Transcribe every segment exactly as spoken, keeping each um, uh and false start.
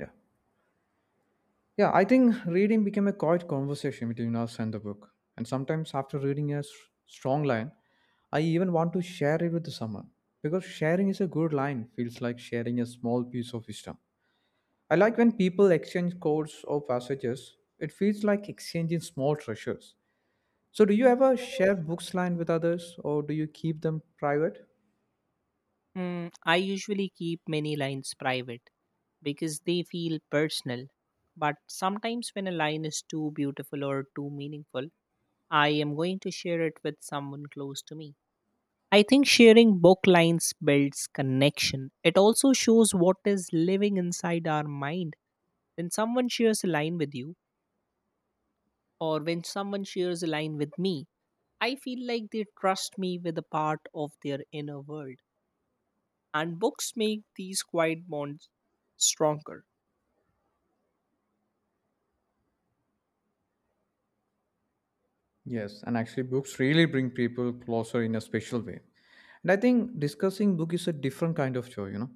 Yeah. Yeah, I think reading became a quiet conversation between us and the book. And sometimes after reading a s- strong line, I even want to share it with someone. Because sharing is a good line, feels like sharing a small piece of wisdom. I like when people exchange quotes or passages, it feels like exchanging small treasures. So, do you ever share books line with others or do you keep them private? Hmm. I usually keep many lines private because they feel personal. But sometimes, when a line is too beautiful or too meaningful, I am going to share it with someone close to me. I think sharing book lines builds connection. It also shows what is living inside our mind. When someone shares a line with you, or when someone shares a line with me, I feel like they trust me with a part of their inner world. And books make these quiet bonds stronger. Yes, and actually, books really bring people closer in a special way. And I think discussing book is a different kind of joy, you know.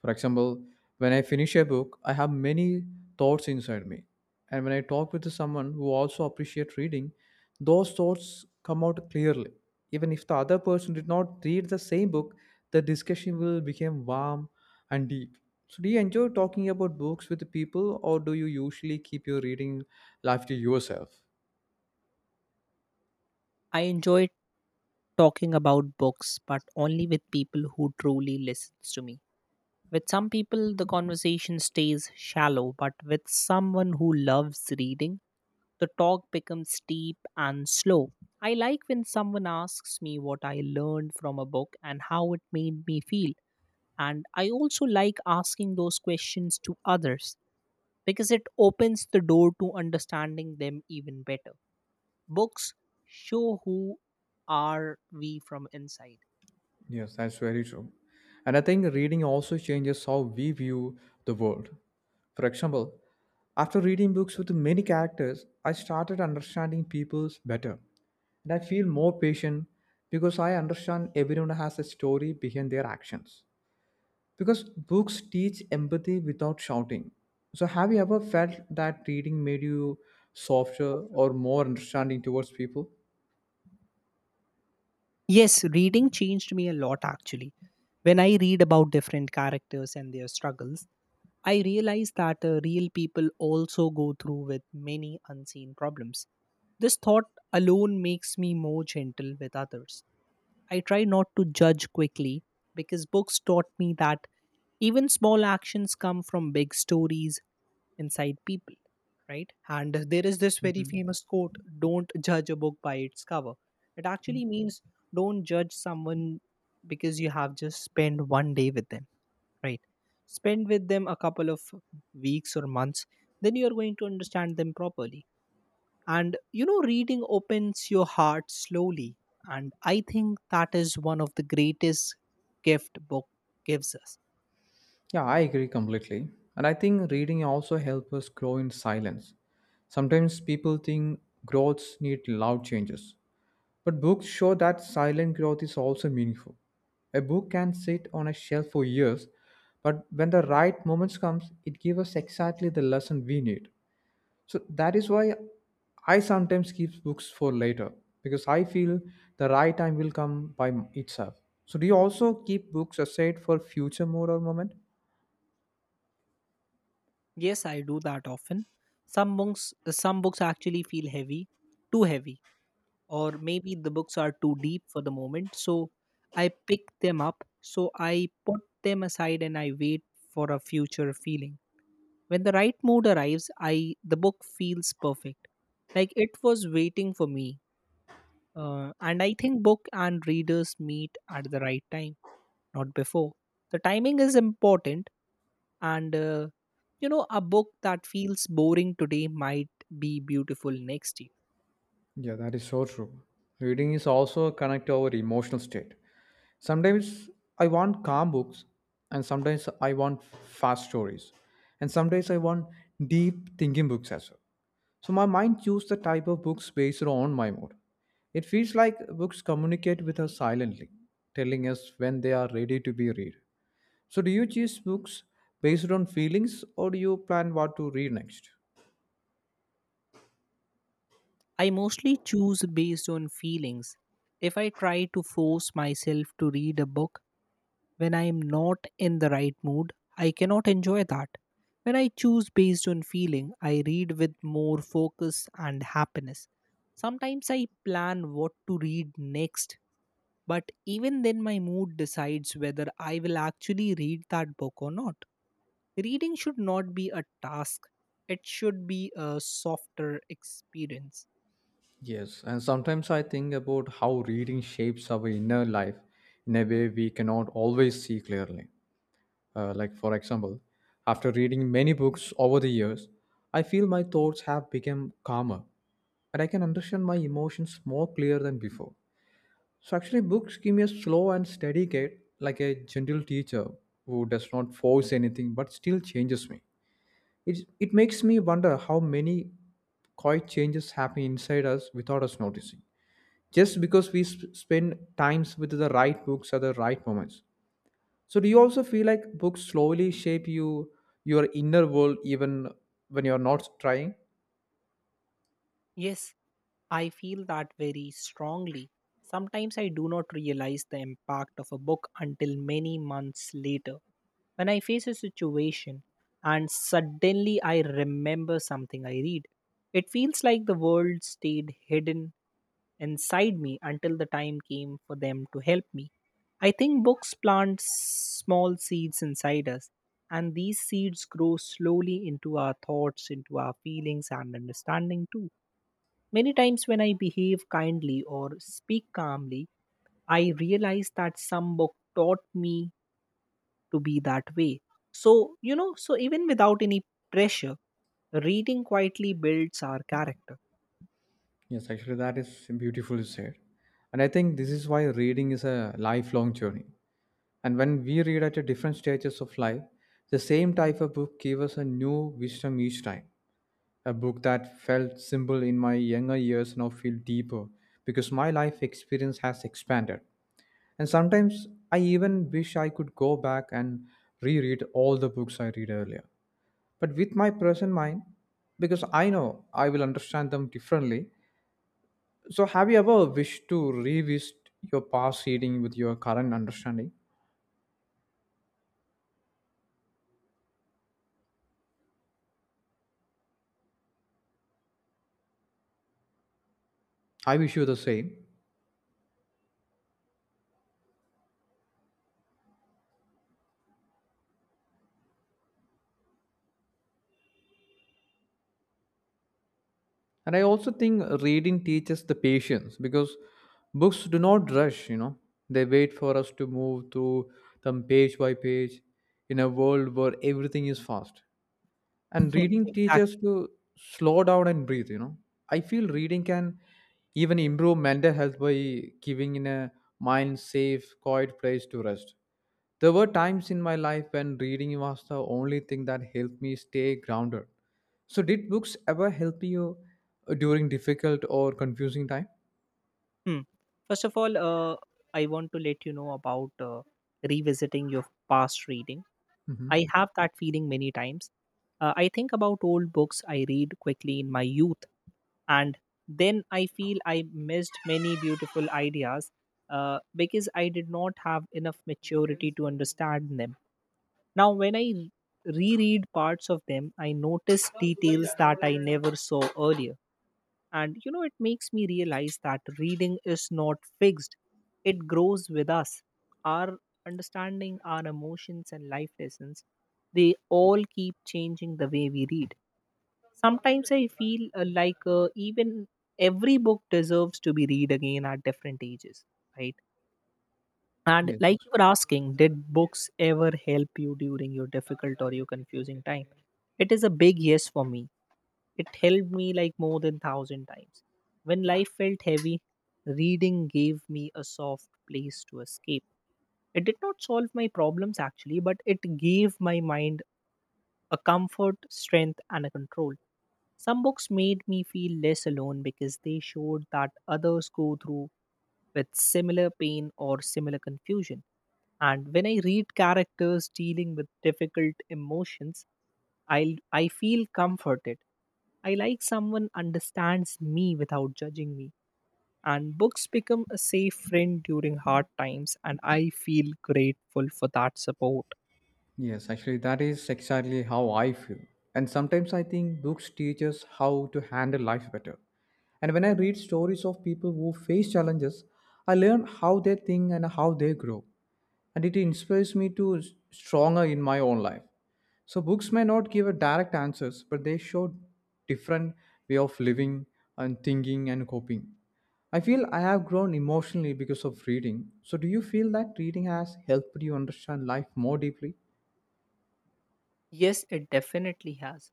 For example, when I finish a book, I have many thoughts inside me. And when I talk with someone who also appreciates reading, those thoughts come out clearly. Even if the other person did not read the same book, the discussion will become warm and deep. So do you enjoy talking about books with people or do you usually keep your reading life to yourself? I enjoy talking about books, but only with people who truly listens to me. With some people, the conversation stays shallow, but with someone who loves reading, the talk becomes deep and slow. I like when someone asks me what I learned from a book and how it made me feel. And I also like asking those questions to others because it opens the door to understanding them even better. Books show who are we from inside. Yes, that's very true. And I think reading also changes how we view the world. For example, after reading books with many characters, I started understanding people's better. And I feel more patient because I understand everyone has a story behind their actions. Because books teach empathy without shouting. So, have you ever felt that reading made you softer or more understanding towards people? Yes, reading changed me a lot actually. When I read about different characters and their struggles, I realize that uh, real people also go through with many unseen problems. This thought alone makes me more gentle with others. I try not to judge quickly because books taught me that even small actions come from big stories inside people, right? And there is this very Mhm. famous quote don't judge a book by its cover. It actually means don't judge someone because you have just spent one day with them, right? Spend with them a couple of weeks or months, then you are going to understand them properly. And you know, reading opens your heart slowly. And I think that is one of the greatest gift book gives us. Yeah, I agree completely. And I think reading also helps us grow in silence. Sometimes people think growths need loud changes, but books show that silent growth is also meaningful. A book can sit on a shelf for years, but when the right moments comes, it gives us exactly the lesson we need. So that is why I sometimes keep books for later because I feel the right time will come by itself. So do you also keep books aside for future mode or moment? Yes, I do that often. Some books some books actually feel heavy, too heavy, or maybe the books are too deep for the moment. So I pick them up, so I put them aside and I wait for a future feeling. When the right mood arrives, I the book feels perfect. Like it was waiting for me. Uh, and I think book and readers meet at the right time, not before. The timing is important, and uh, you know, a book that feels boring today might be beautiful next year. Yeah, that is so true. Reading is also a connect to our emotional state. Sometimes I want calm books, and sometimes I want fast stories, and sometimes I want deep thinking books as well. So my mind chooses the type of books based on my mood. It feels like books communicate with us silently, telling us when they are ready to be read. So do you choose books based on feelings, or do you plan what to read next? I mostly choose based on feelings. If I try to force myself to read a book, when I am not in the right mood, I cannot enjoy that. When I choose based on feeling, I read with more focus and happiness. Sometimes I plan what to read next, but even then, my mood decides whether I will actually read that book or not. Reading should not be a task, it should be a softer experience. Yes, and sometimes I think about how reading shapes our inner life in a way we cannot always see clearly. Uh, like, for example, after reading many books over the years, I feel my thoughts have become calmer and I can understand my emotions more clear than before. So, actually, books give me a slow and steady guide, like a gentle teacher who does not force anything but still changes me. It, it makes me wonder how many quiet changes happen inside us without us noticing just because we sp- spend times with the right books at the right moments. So do you also feel like books slowly shape you your inner world even when you're not trying? Yes, I feel that very strongly. Sometimes I do not realize the impact of a book until many months later. When I face a situation and suddenly I remember something I read, it feels like the world stayed hidden inside me until the time came for them to help me. I think books plant small seeds inside us, and these seeds grow slowly into our thoughts, into our feelings, and understanding too. Many times when I behave kindly or speak calmly, I realize that some book taught me to be that way. So, you know, so even without any pressure, reading quietly builds our character. Yes, actually, that is beautifully said. And I think this is why reading is a lifelong journey, and when we read at a different stages of life, the same type of book gave us a new wisdom each time. A book that felt simple in my younger years now feel deeper because my life experience has expanded. And sometimes I even wish I could go back and reread all the books I read earlier. But with my present mind, because I know I will understand them differently. So, have you ever wished to revisit your past reading with your current understanding? I wish you the same. And I also think reading teaches the patience because books do not rush, you know, they wait for us to move through them page by page in a world where everything is fast. And Hmm. reading teaches Exactly. to slow down and breathe you know I feel reading can even improve mental health by giving in a mind safe quiet place to rest. There were times in my life when reading was the only thing that helped me stay grounded. So did books ever help you during difficult or confusing time? Hmm. First of all, uh, I want to let you know about uh, revisiting your past reading. Hmm. I have that feeling many times. Uh, I think about old books I read quickly in my youth, and then I feel I missed many beautiful ideas uh, because I did not have enough maturity to understand them. Now when I re- reread parts of them, I notice details that I never saw earlier. And you know it makes me realize that reading is not fixed. It grows with us. Our understanding, our emotions and life lessons, they all keep changing the way we read. Sometimes I feel uh, like uh, even every book deserves to be read again at different ages, right? And Yes. like you were asking, did books ever help you during your difficult or your confusing time? It is a big yes for me. It helped me like more than thousand times. When life felt heavy, reading gave me a soft place to escape. It did not solve my problems actually, but it gave my mind a comfort, strength, and a control. Some books made me feel less alone because they showed that others go through with similar pain or similar confusion. And when I read characters dealing with difficult emotions, I I feel comforted. I like someone understands me without judging me. And books become a safe friend during hard times, and I feel grateful for that support. Yes, actually, that is exactly how I feel. And sometimes I think books teach us how to handle life better. And when I read stories of people who face challenges, I learn how they think and how they grow. And it inspires me to s- stronger in my own life. So books may not give a direct answers, but they show different way of living and thinking and coping. I feel I have grown emotionally because of reading. So do you feel that reading has helped you understand life more deeply? Yes, it definitely has.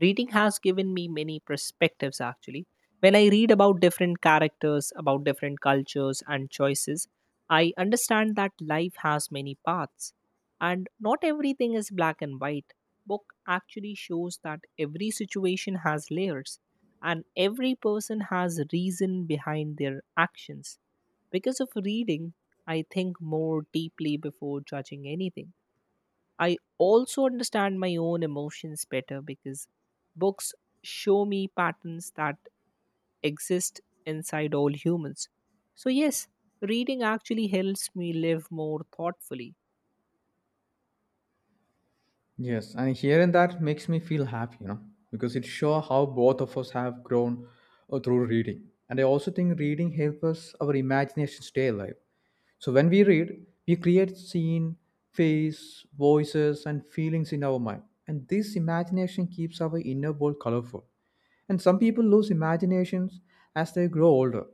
Reading has given me many perspectives actually. When I read about different characters, about different cultures and choices, I understand that life has many paths and not everything is black and white. Book actually shows that every situation has layers and every person has reason behind their actions. Because of reading, I think more deeply before judging anything. I also understand my own emotions better because books show me patterns that exist inside all humans. So, yes, reading actually helps me live more thoughtfully. Yes, and hearing that makes me feel happy, you know, because it shows how both of us have grown uh, through reading. And I also think reading helps us our imagination stay alive. So when we read, we create scene, face, voices, and feelings in our mind. And this imagination keeps our inner world colorful. And some people lose imaginations as they grow older.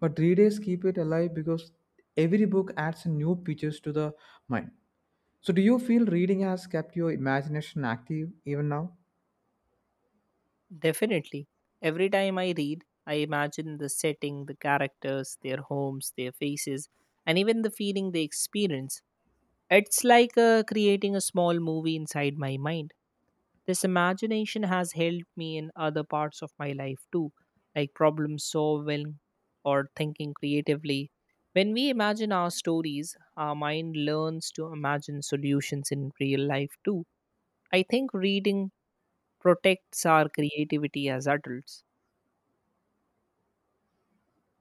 But readers keep it alive because every book adds new pictures to the mind. So, do you feel reading has kept your imagination active even now? Definitely. Every time I read, I imagine the setting, the characters, their homes, their faces, and even the feeling they experience. It's like uh, creating a small movie inside my mind. This imagination has helped me in other parts of my life too, like problem solving or thinking creatively. When we imagine our stories, our mind learns to imagine solutions in real life too. I think reading protects our creativity as adults.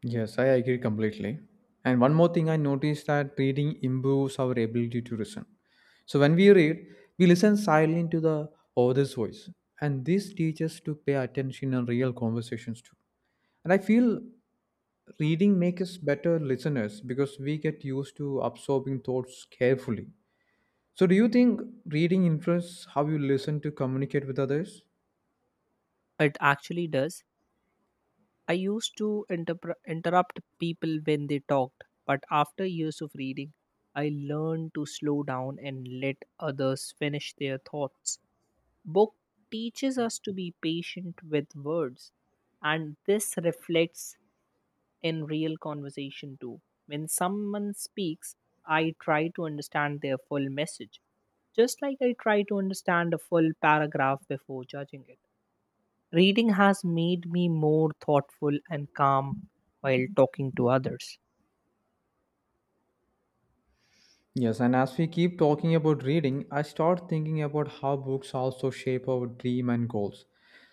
Yes, I agree completely. And one more thing I noticed that reading improves our ability to listen. So when we read, we listen silently to the author's voice. And this teaches us to pay attention in real conversations too. And I feel reading makes us better listeners because we get used to absorbing thoughts carefully. So do you think reading influences how you listen to communicate with others? It actually does. I used to interpre- interrupt people when they talked, but after years of reading, I learned to slow down and let others finish their thoughts. Book teaches us to be patient with words, and this reflects in real conversation too. When someone speaks, I try to understand their full message, just like I try to understand a full paragraph before judging it. Reading has made me more thoughtful and calm while talking to others. Yes, and as we keep talking about reading, I start thinking about how books also shape our dream and goals.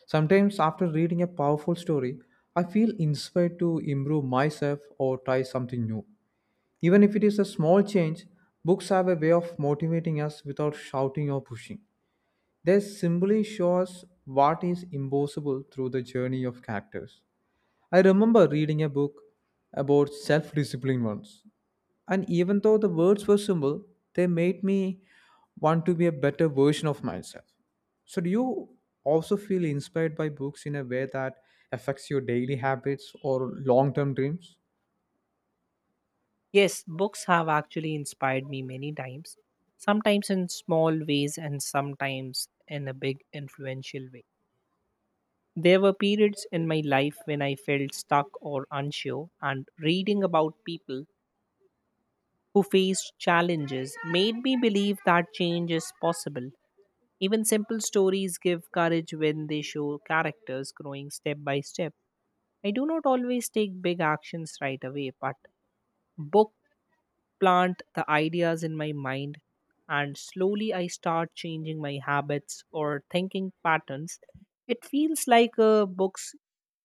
Sometimes, after reading a powerful story, I feel inspired to improve myself or try something new. Even if it is a small change, books have a way of motivating us without shouting or pushing. They simply show us what is impossible through the journey of characters. I remember reading a book about self discipline once, and even though the words were simple, they made me want to be a better version of myself. So, do you also feel inspired by books in a way that affects your daily habits or long term dreams? Yes, books have actually inspired me many times, sometimes in small ways and sometimes in a big influential way. There were periods in my life when I felt stuck or unsure, and reading about people who faced challenges made me believe that change is possible. Even simple stories give courage when they show characters growing step by step. I do not always take big actions right away, but book plant the ideas in my mind, and slowly I start changing my habits or thinking patterns. It feels like uh, books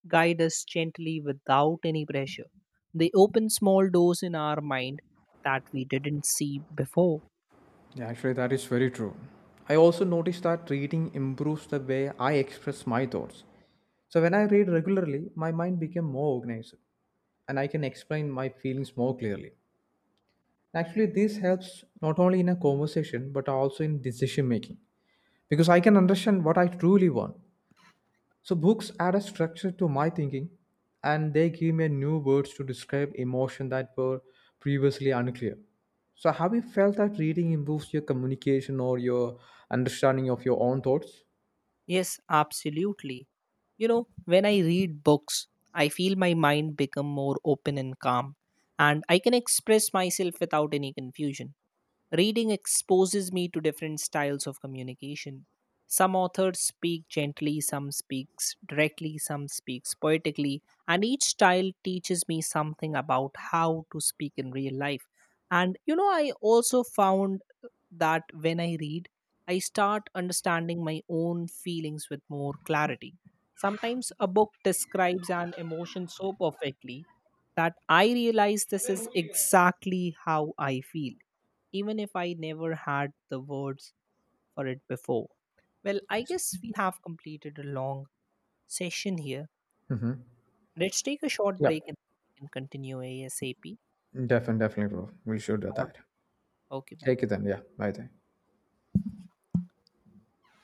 guide us gently without any pressure. They open small doors in our mind that we didn't see before. Yeah, actually, that is very true. I also noticed that reading improves the way I express my thoughts. So, when I read regularly, my mind became more organized and I can explain my feelings more clearly. Actually, this helps not only in a conversation but also in decision making, because I can understand what I truly want. So books add a structure to my thinking and they give me new words to describe emotion that were previously unclear. So have you felt that reading improves your communication or your understanding of your own thoughts? Yes, absolutely. You know, when I read books, I feel my mind become more open and calm, and I can express myself without any confusion. Reading exposes me to different styles of communication. Some authors speak gently, some speaks directly, some speaks poetically, and each style teaches me something about how to speak in real life. And you know, I also found that when I read, I start understanding my own feelings with more clarity. Sometimes a book describes an emotion so perfectly that I realize this is exactly how I feel even if I never had the words for it before. Well, I guess we have completed a long session here. Mm-hmm. Let's take a short Yeah, break and we can continue A S A P. definitely, definitely, bro. We should do Or, that. okay, bye. Take it then. Yeah, bye then.